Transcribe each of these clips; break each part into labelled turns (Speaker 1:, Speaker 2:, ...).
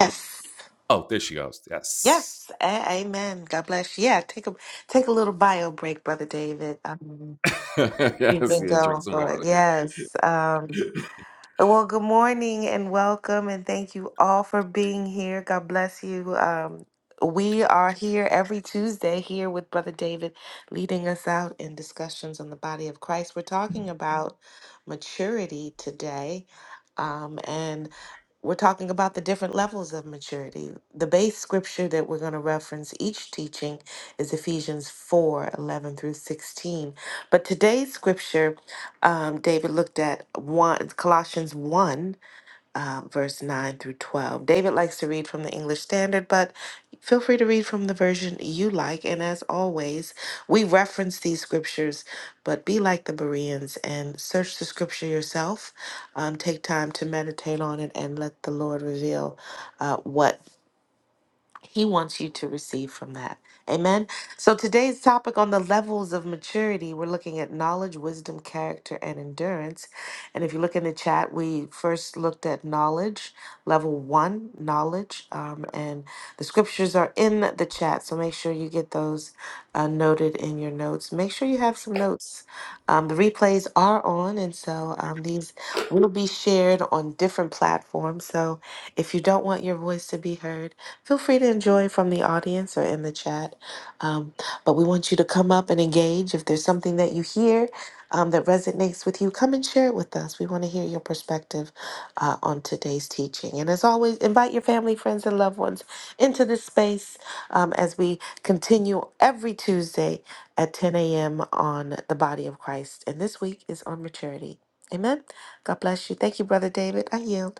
Speaker 1: Yes. Yes. A- amen. God bless you. Yeah, take a take a little bio break, brother David. Um, you've been going for it. Yes. Um, well, good morning and welcome, and thank you all for being here. God bless you. Um, we are here every Tuesday here with Brother David, leading us out in discussions on the body of Christ. We're talking about maturity today um, and we're talking about the different levels of maturity. The base scripture that we're going to reference each teaching is Ephesians 4 11 through 16. But today's scripture, um, David looked at one, Colossians 1 um, verse 9 through 12. David likes to read from the English Standard, but feel free to read from the version you like. And as always, we reference these scriptures, but be like the Bereans and search the scripture yourself. Um, take time to meditate on it and let the Lord reveal uh, what he wants you to receive from that. Amen. So today's topic on the levels of maturity, we're looking at knowledge, wisdom, character, and endurance. And if you look in the chat, we first looked at knowledge, level one, knowledge. Um, and the scriptures are in the chat. So make sure you get those uh, noted in your notes. Make sure you have some notes. Um, the replays are on. And so um, these will be shared on different platforms. So if you don't want your voice to be heard, Feel free to enjoy from the audience or in the chat. Um, but we want you to come up and engage. If there's something that you hear um, that resonates with you, come and share it with us. We want to hear your perspective uh, on today's teaching. And as always, invite your family, friends, and loved ones into this space um, as we continue every Tuesday at 10 a.m. on the body of Christ. And this week is on maturity. Amen. God bless you. Thank you, Brother David. I yield.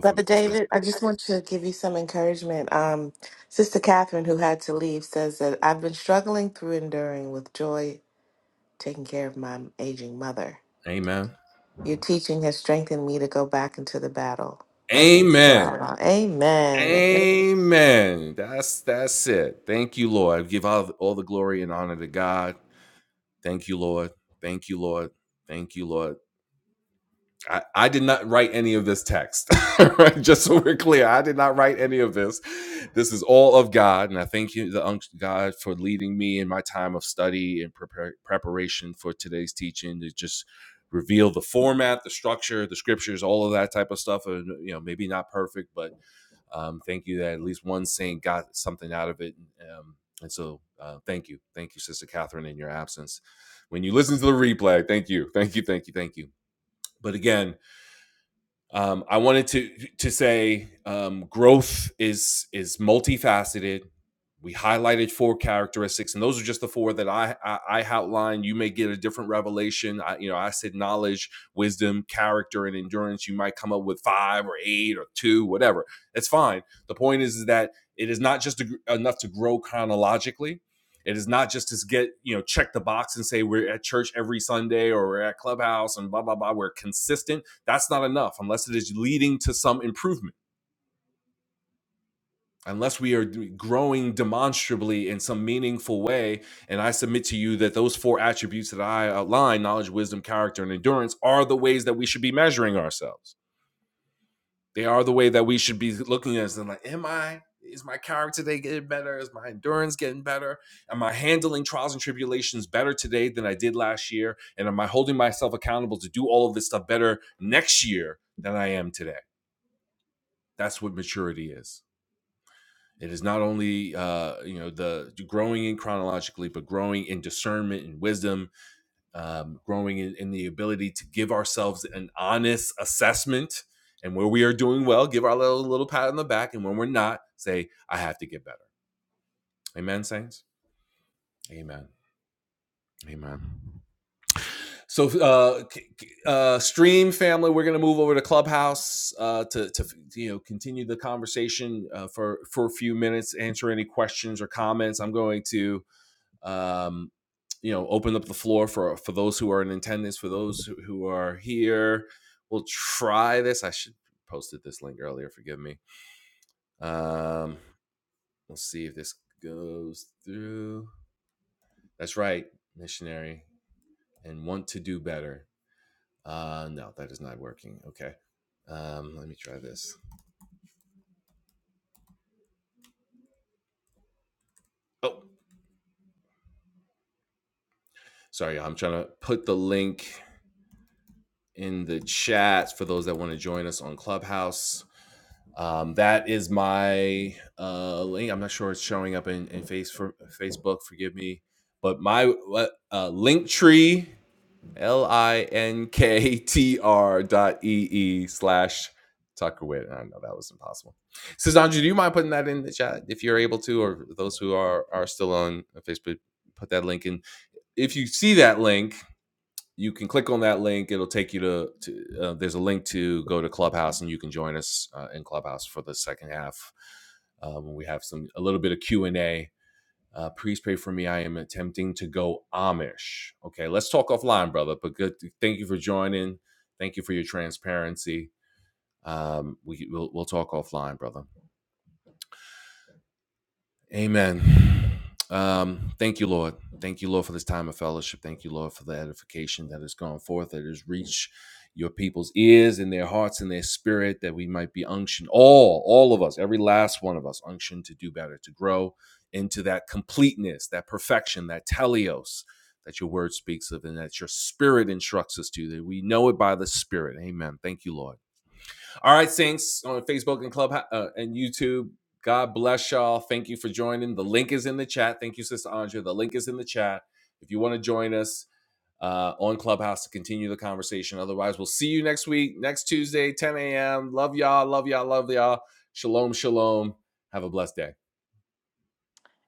Speaker 1: Brother David, I just want to give you some encouragement. Um, Sister Catherine, who had to leave, says that I've been struggling through enduring with joy, taking care of my aging mother. Your teaching has strengthened me to go back into the battle. Blessings to all. Amen.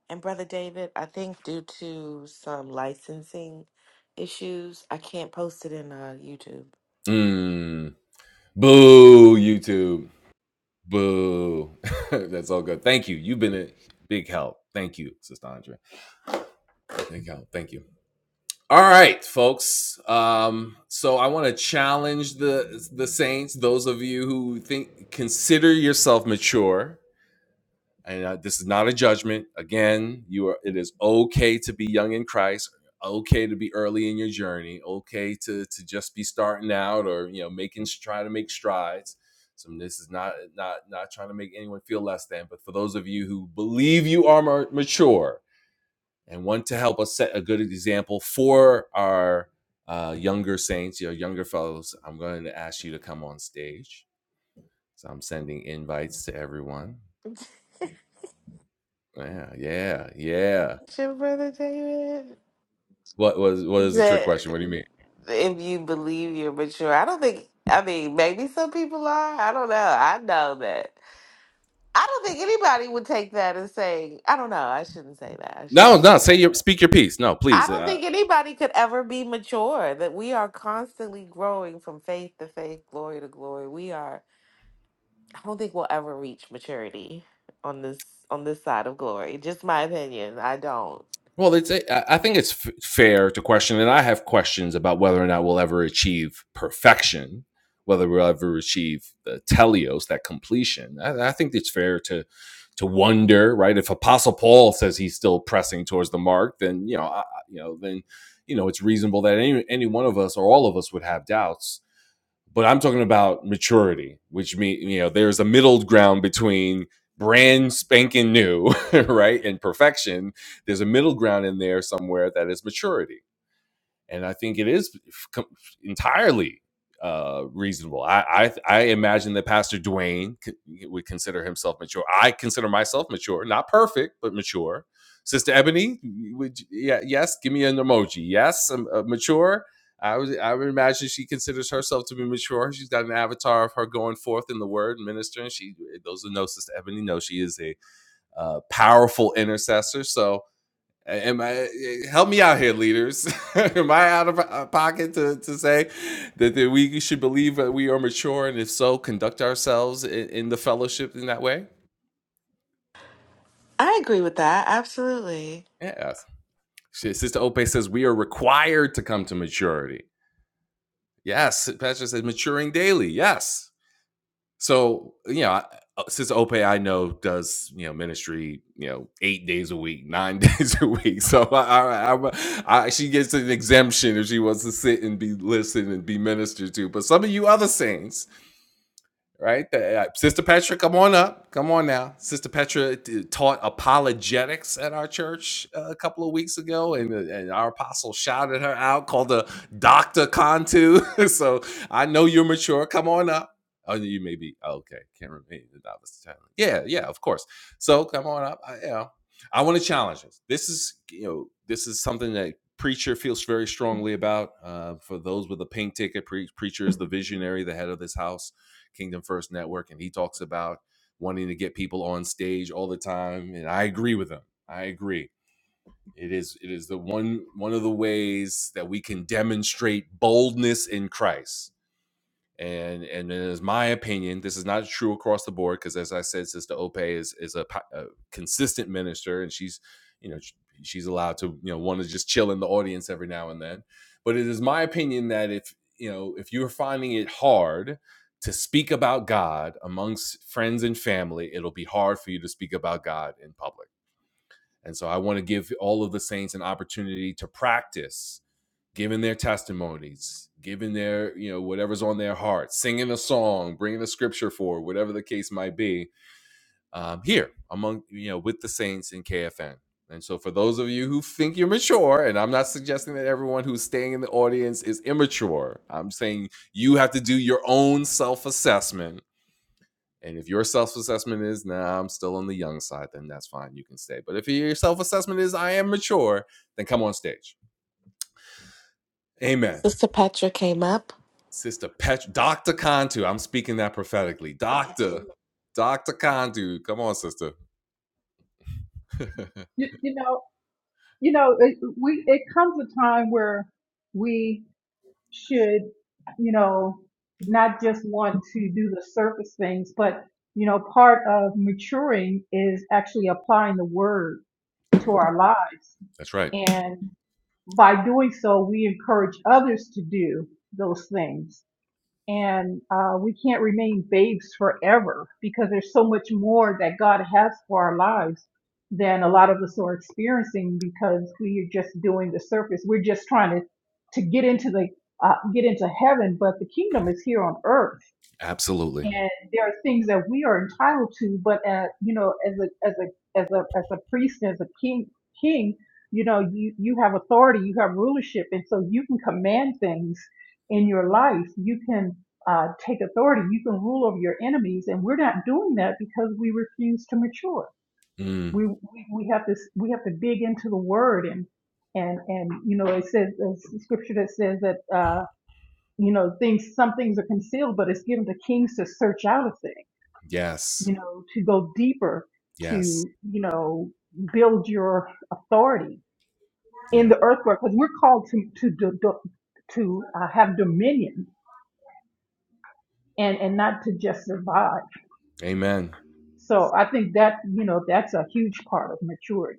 Speaker 1: And Brother David, I think due to some licensing issues, I can't post it in uh, YouTube. Sure, Brother David. That if you believe you're mature. I don't think. I mean, maybe some people are. I don't know. I know that. I don't think anybody would take that and say, I don't know. I shouldn't say that. I shouldn't say that. I don't think anybody could ever be mature. That we are constantly growing from faith to faith, glory to glory. We are. I don't think we'll ever reach maturity on this on this side of glory. Just my opinion. I don't. I agree with that. Absolutely. Sister Petra came up.
Speaker 2: You, you know, you know, it, we it comes a time where we should, you know, not just want to do the surface things, but you know, part of maturing is actually applying the word to our lives, and by doing so, we encourage others to do those things and uh, we can't remain babes forever because there's so much more that God has for our lives than a lot of us are experiencing because we are just doing the surface. We're just trying to to get into the uh, get into heaven, but the kingdom is here on earth and there are things that we are entitled to but uh you know as a as a as a as a priest as a king king you know you you have authority you have rulership and so you can command things in your life you can uh take authority you can rule over your enemies and we're not doing that because we refuse to mature we we, we have to s- we have to dig into the word and and and you know it says there's a scripture that says that uh you know things some things are concealed but it's given to kings to search out a thing you know, to go deeper, to, you know, build your authority in the earthwork, because we're called to, to, do- do- to uh, have dominion and, and not to just survive. So I think that, you know, that's a huge part of maturity.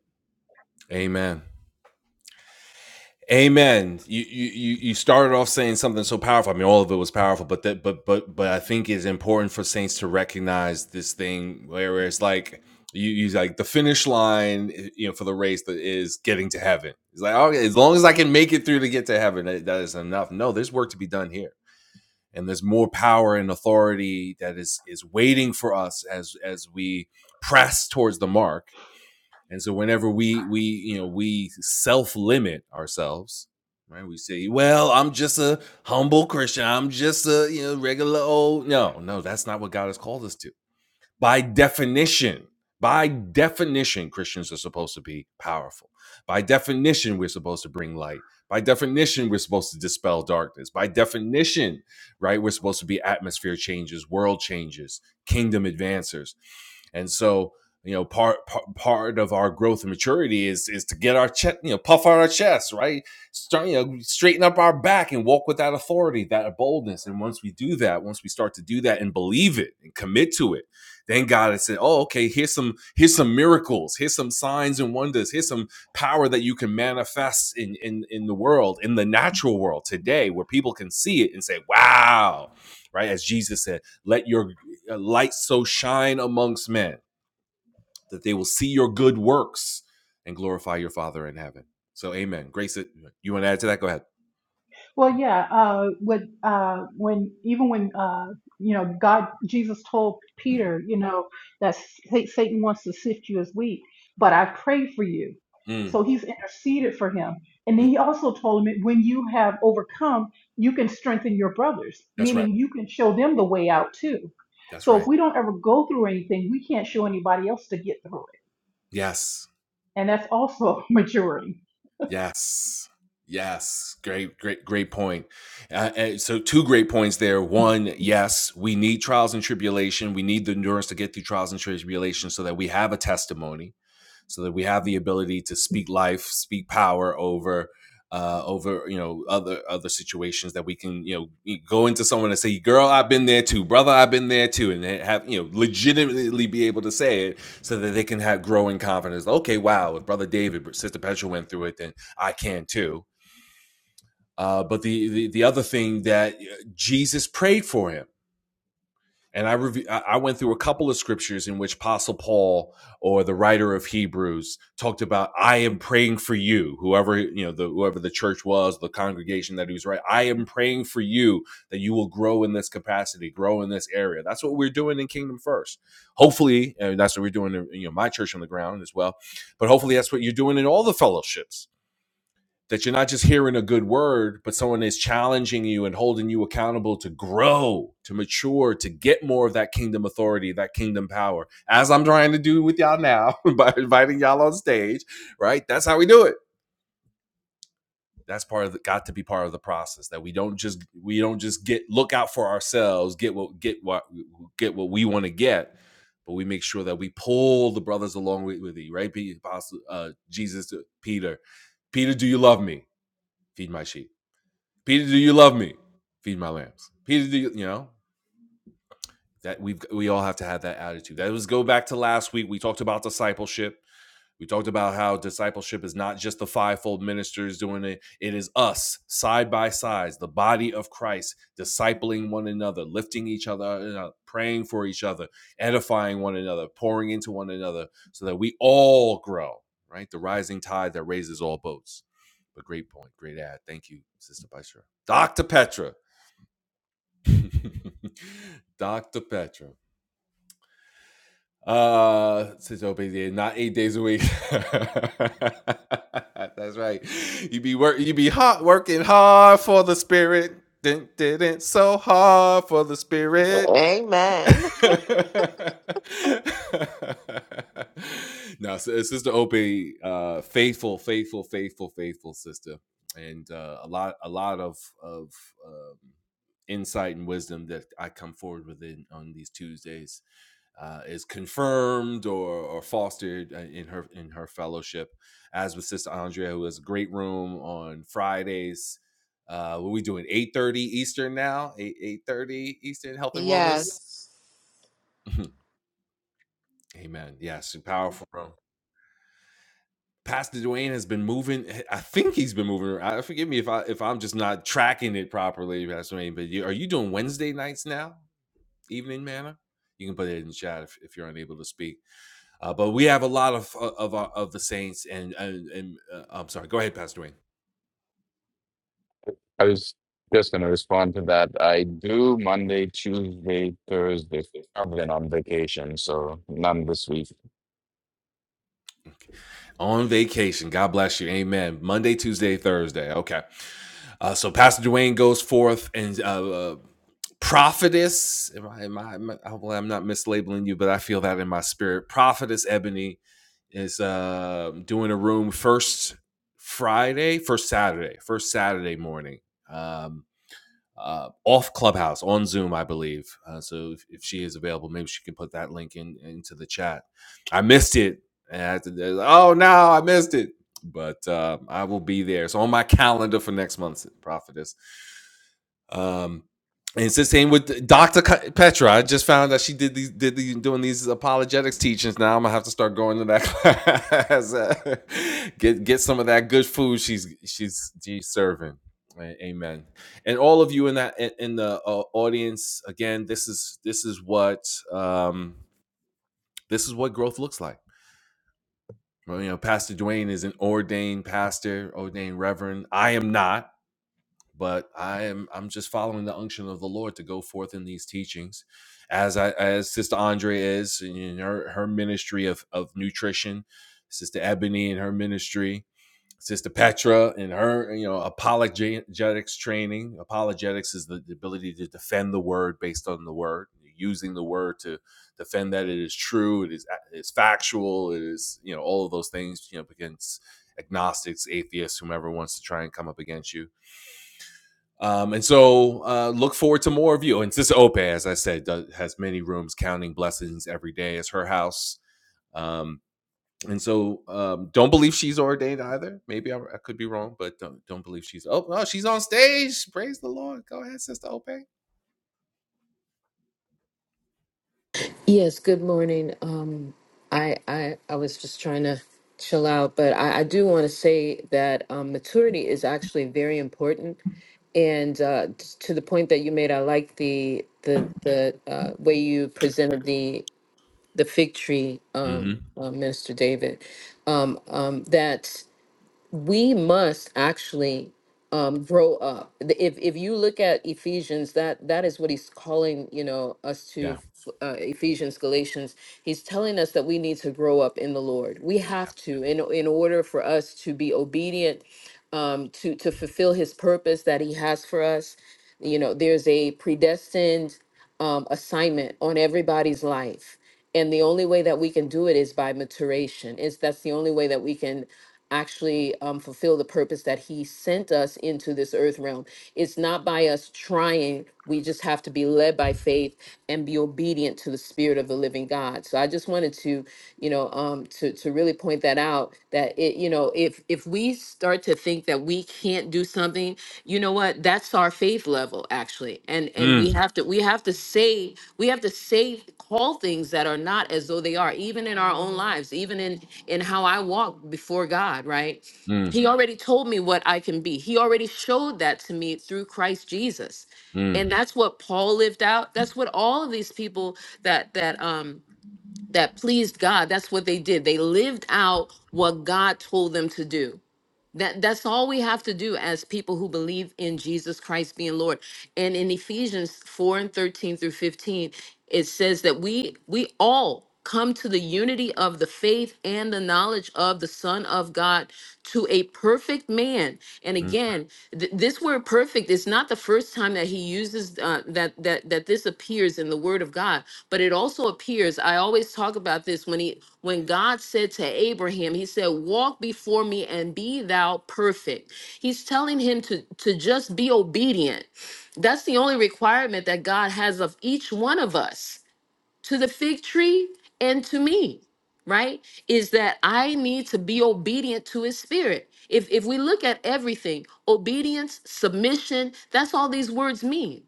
Speaker 2: Well, yeah, uh, with, uh, when, even when, uh, you know, God, Jesus told Peter, you know, that Sa- Satan wants to sift you as wheat, but I've prayed for you. So he's interceded for him. And then he also told him, when you have overcome, you can strengthen your brothers, meaning you can show them the way out too. So if we don't ever go through anything, we can't show anybody else to get through it. And that's also maturing.
Speaker 1: Amen. Yes.
Speaker 3: I was just going to respond to that. I do Monday, Tuesday, Thursday. I've been on vacation, so none this week.
Speaker 4: Yes, good morning. Um, I, I I was just trying to chill out, but I, I do want to say that um, maturity is actually very important. And uh, t- to the point that you made, I like the the the uh, way you presented the the fig tree, um, uh, Minister David. Um, um, that we must actually um, grow up. The- If if you look at Ephesians, that that is what he's calling you know us to uh, Ephesians, Galatians. He's telling us that we need to grow up in the Lord. We have to in in order for us to be obedient, um, to to fulfill His purpose that He has for us. You know, there's a predestined um, assignment on everybody's life and the only way that we can do it is by maturation is that's the only way that we can actually um, fulfill the purpose that he sent us into this earth realm. It's not by us trying. We just have to be led by faith and be obedient to the spirit of the living God. So I just wanted to, you know, um, to to really point that out. That it, you know, if if we start to think that we can't do something, you know what? That's our faith level actually, and and we have to we have to say we have to say call things that are not as though they are, even in our own lives, even in in how I walk before God, right? He already told me what I can be. He already showed that to me through Christ Jesus. And that's what Paul lived out. That's what all of these people that that um that pleased God, that's what they did. They lived out what God told them to do. That that's all we have to do as people who believe in Jesus Christ being Lord. And in Ephesians 4 and 13 through 15, it says that we we all come to the unity of the faith and the knowledge of the Son of God to a perfect man. And again, th- this word perfect is not the first time that he uses uh, that that that this appears in the word of God, but it also appears. I always talk about this when he when God said to Abraham, he said, "Walk before me and be thou perfect." He's telling him to to just be obedient. That's the only requirement that God has of each one of us to the fig tree and to me right is that i need to be obedient to his spirit if if we look at everything obedience submission that's all these words mean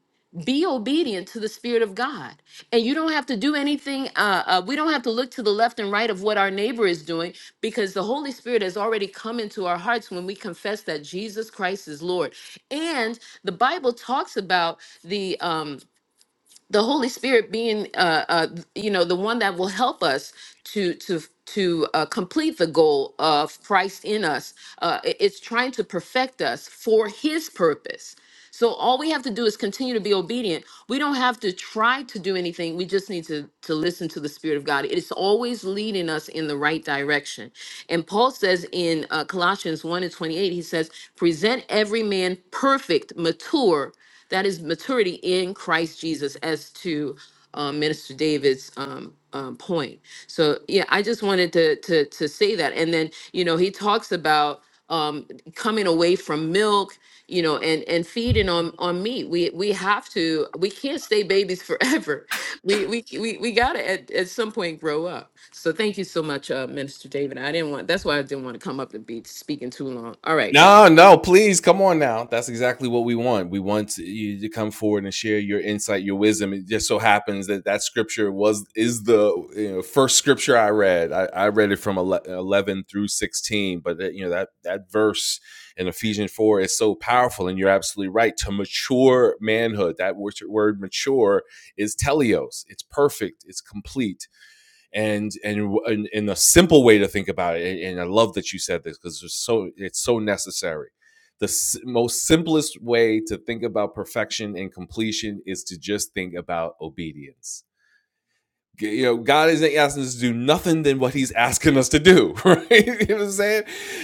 Speaker 4: be obedient to the spirit of god and you don't have to do anything uh, uh we don't have to look to the left and right of what our neighbor is doing because the holy spirit has already come into our hearts when we confess that jesus christ is lord and the bible talks about the um the Holy Spirit being, uh, uh, th- you know, the one that will help us to to to uh, complete the goal of Christ in us. Uh, i- it's trying to perfect us for His purpose. So all we have to do is continue to be obedient. We don't have to try to do anything. We just need to to listen to the Spirit of God. It's always leading us in the right direction. And Paul says in uh, Colossians one and twenty eight, he says, "Present every man perfect, mature." That is maturity in Christ Jesus, as to um, Minister David's um, um, point. So yeah, I just wanted to to to say that. And then you know he talks about um, coming away from milk, you know, and and feeding on on meat. We we have to. We can't stay babies forever. We we we we gotta at, at some point grow up. So thank you so much, uh, Minister David. I didn't want. That's why I didn't want to come up and be speaking too long. All right, bye.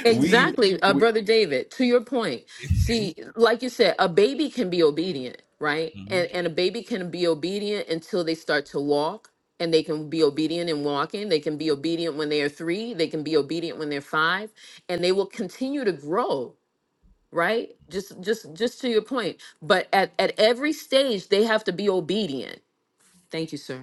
Speaker 4: Exactly, uh, brother David. To your point, see, like you said, a baby can be obedient, right? And and a baby can be obedient until they start to walk, and they can be obedient in walking. They can be obedient when they are three. They can be obedient when they're five, and they will continue to grow, right? Just just just to your point. But at at every stage, they have to be obedient. Thank you, sir.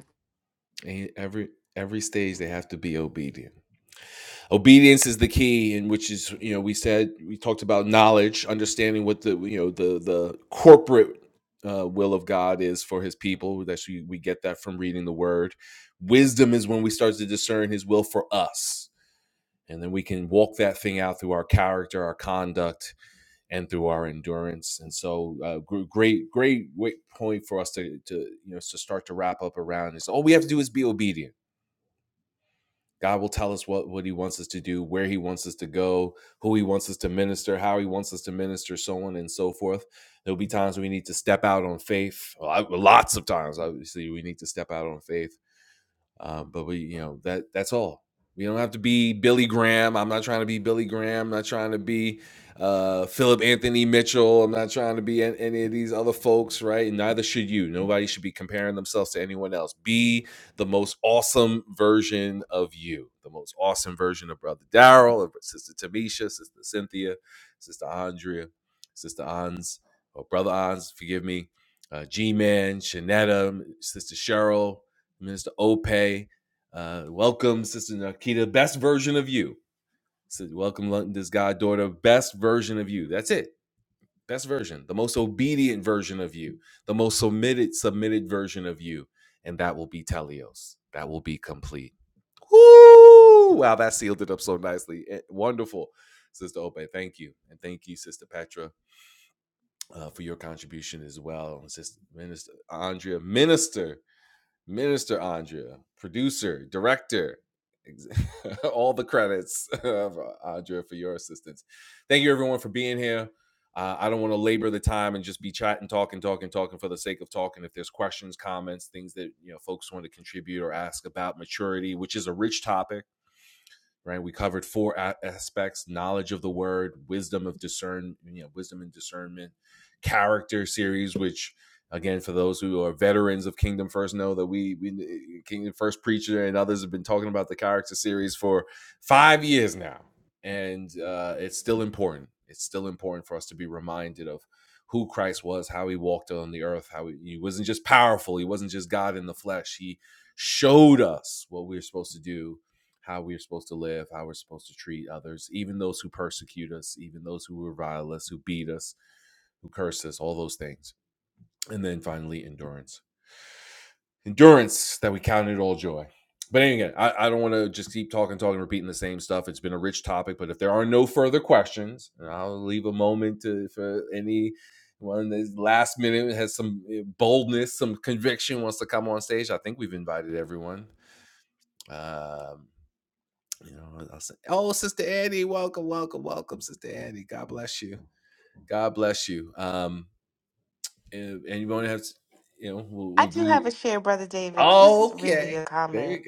Speaker 1: I do have a share, Brother David. Just really a comment.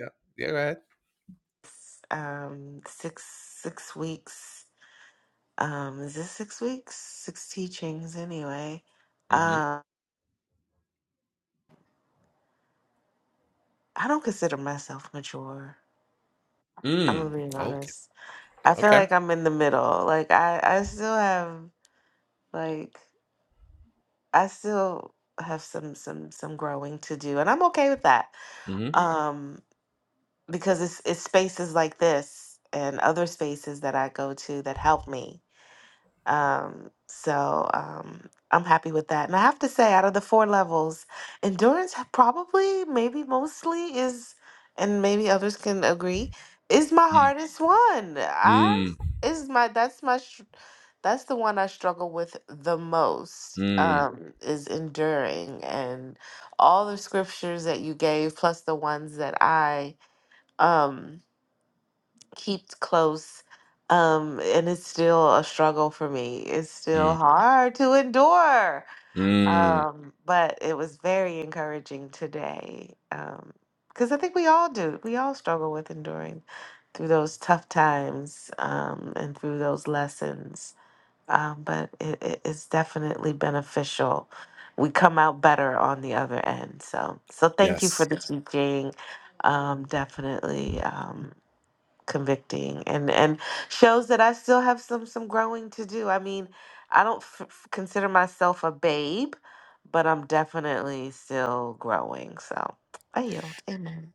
Speaker 1: Um, six six weeks. Um, is this six weeks? Six teachings anyway. Um, I don't consider myself mature. I'm gonna be honest. I feel like I'm in the middle. Like I, I still have like I still have some some some growing to do, and I'm okay with that. Um. because it's it's spaces like this and other spaces that I go to that help me. Um, so um, I'm happy with that. And I have to say, out of the four levels, endurance ha- probably, maybe mostly is, and maybe others can agree, is my hardest one. I is my that's my str- that's the one I struggle with the most. Um, is enduring and all the scriptures that you gave, plus the ones that I um keep close. Um, and it's still a struggle for me. It's still hard to endure. Um, but it was very encouraging today. Um, because I think we all do. We all struggle with enduring through those tough times, um, and through those lessons. Um, but it, it, it's definitely beneficial. We come out better on the other end. So, so thank you for the teaching. Um, definitely. Um, convicting and and shows that I still have some some growing to do. I mean, I don't f- f- consider myself a babe, but I'm definitely still growing. So I yield. Amen.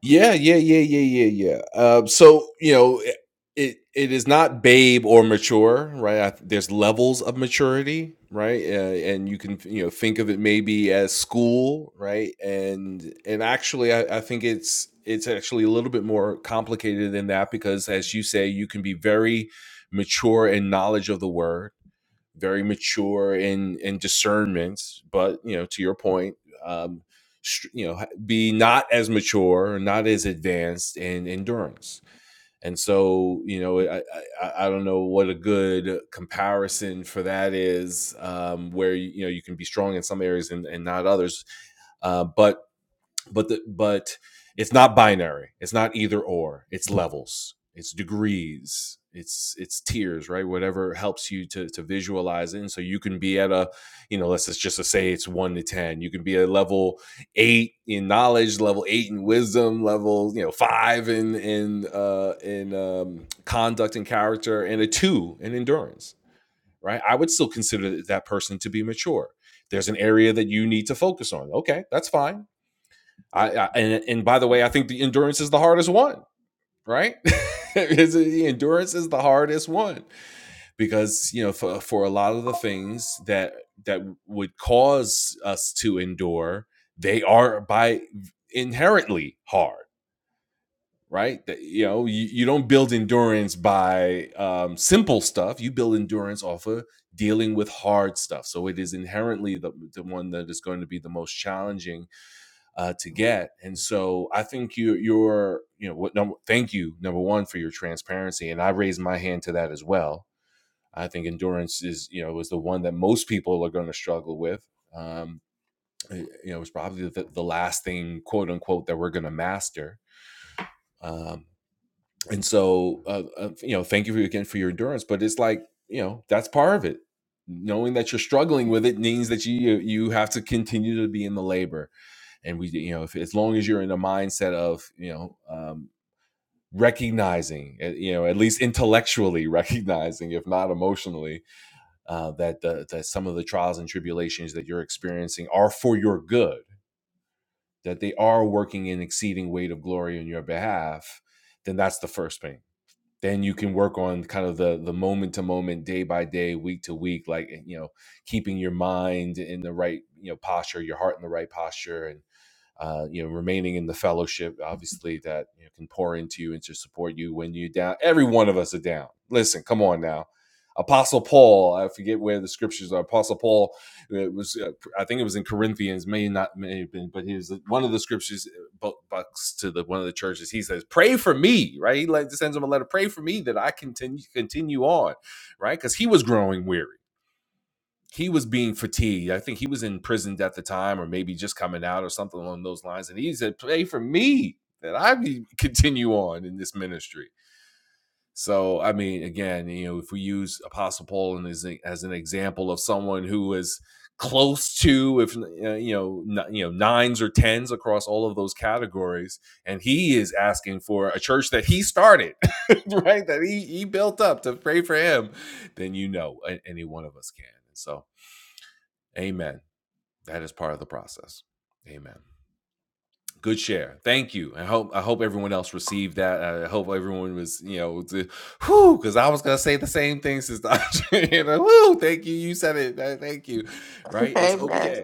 Speaker 1: Amen.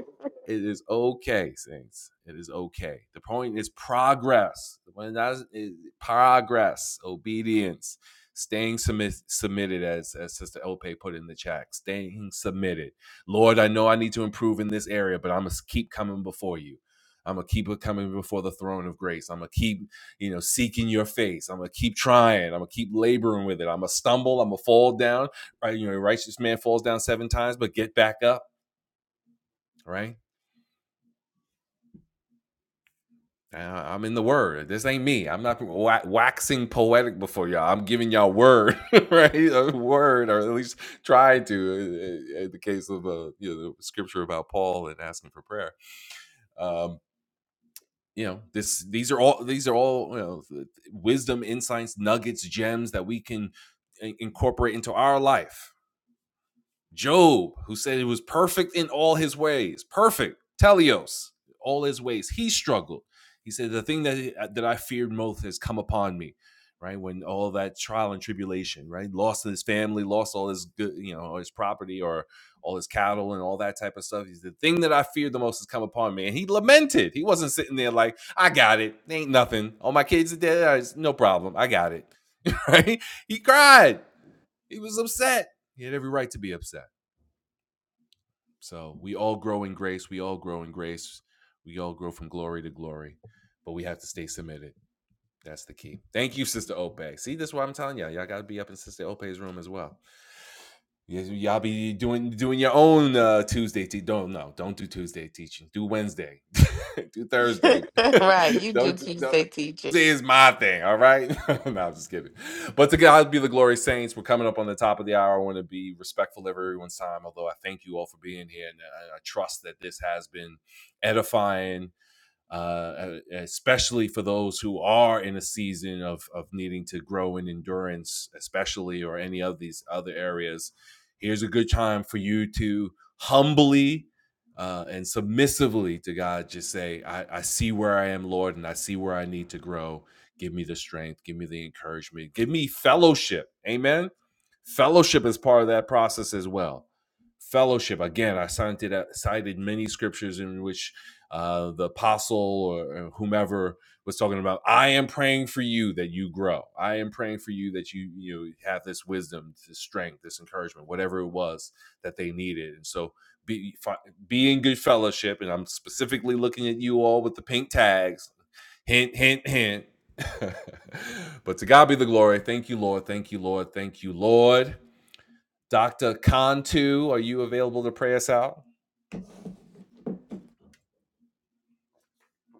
Speaker 1: right. You do Tuesday teaching.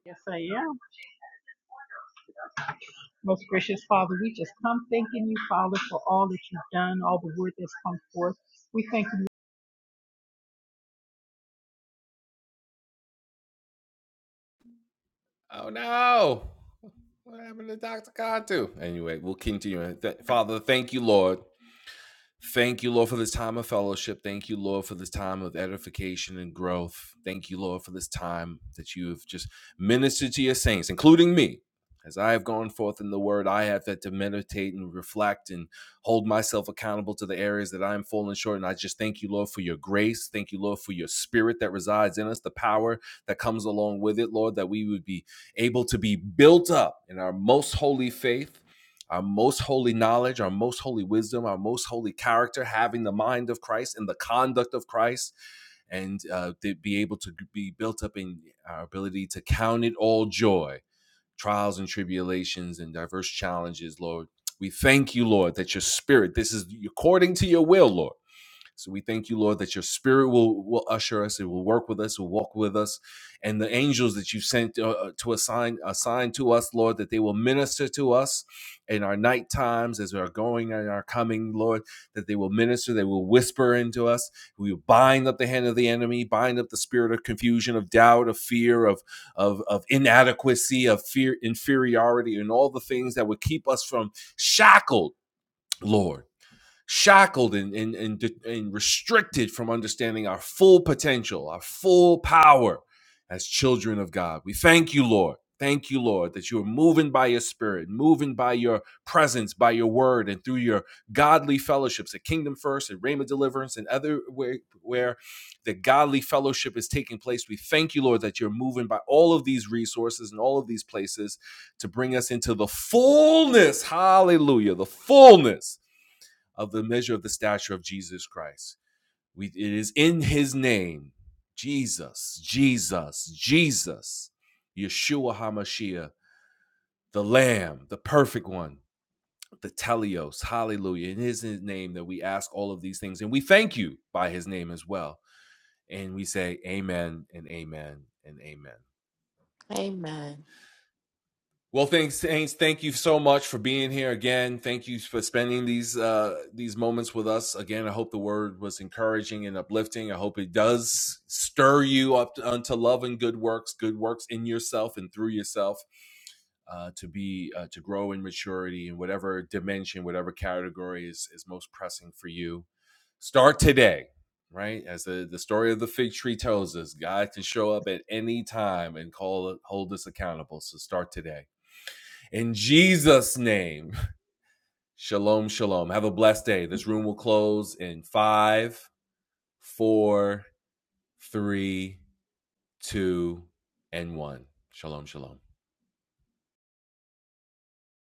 Speaker 2: Yes, I am. Most gracious Father, we just come thanking you, Father, for all that you've done, all the word that's come forth. We thank you
Speaker 1: Amen.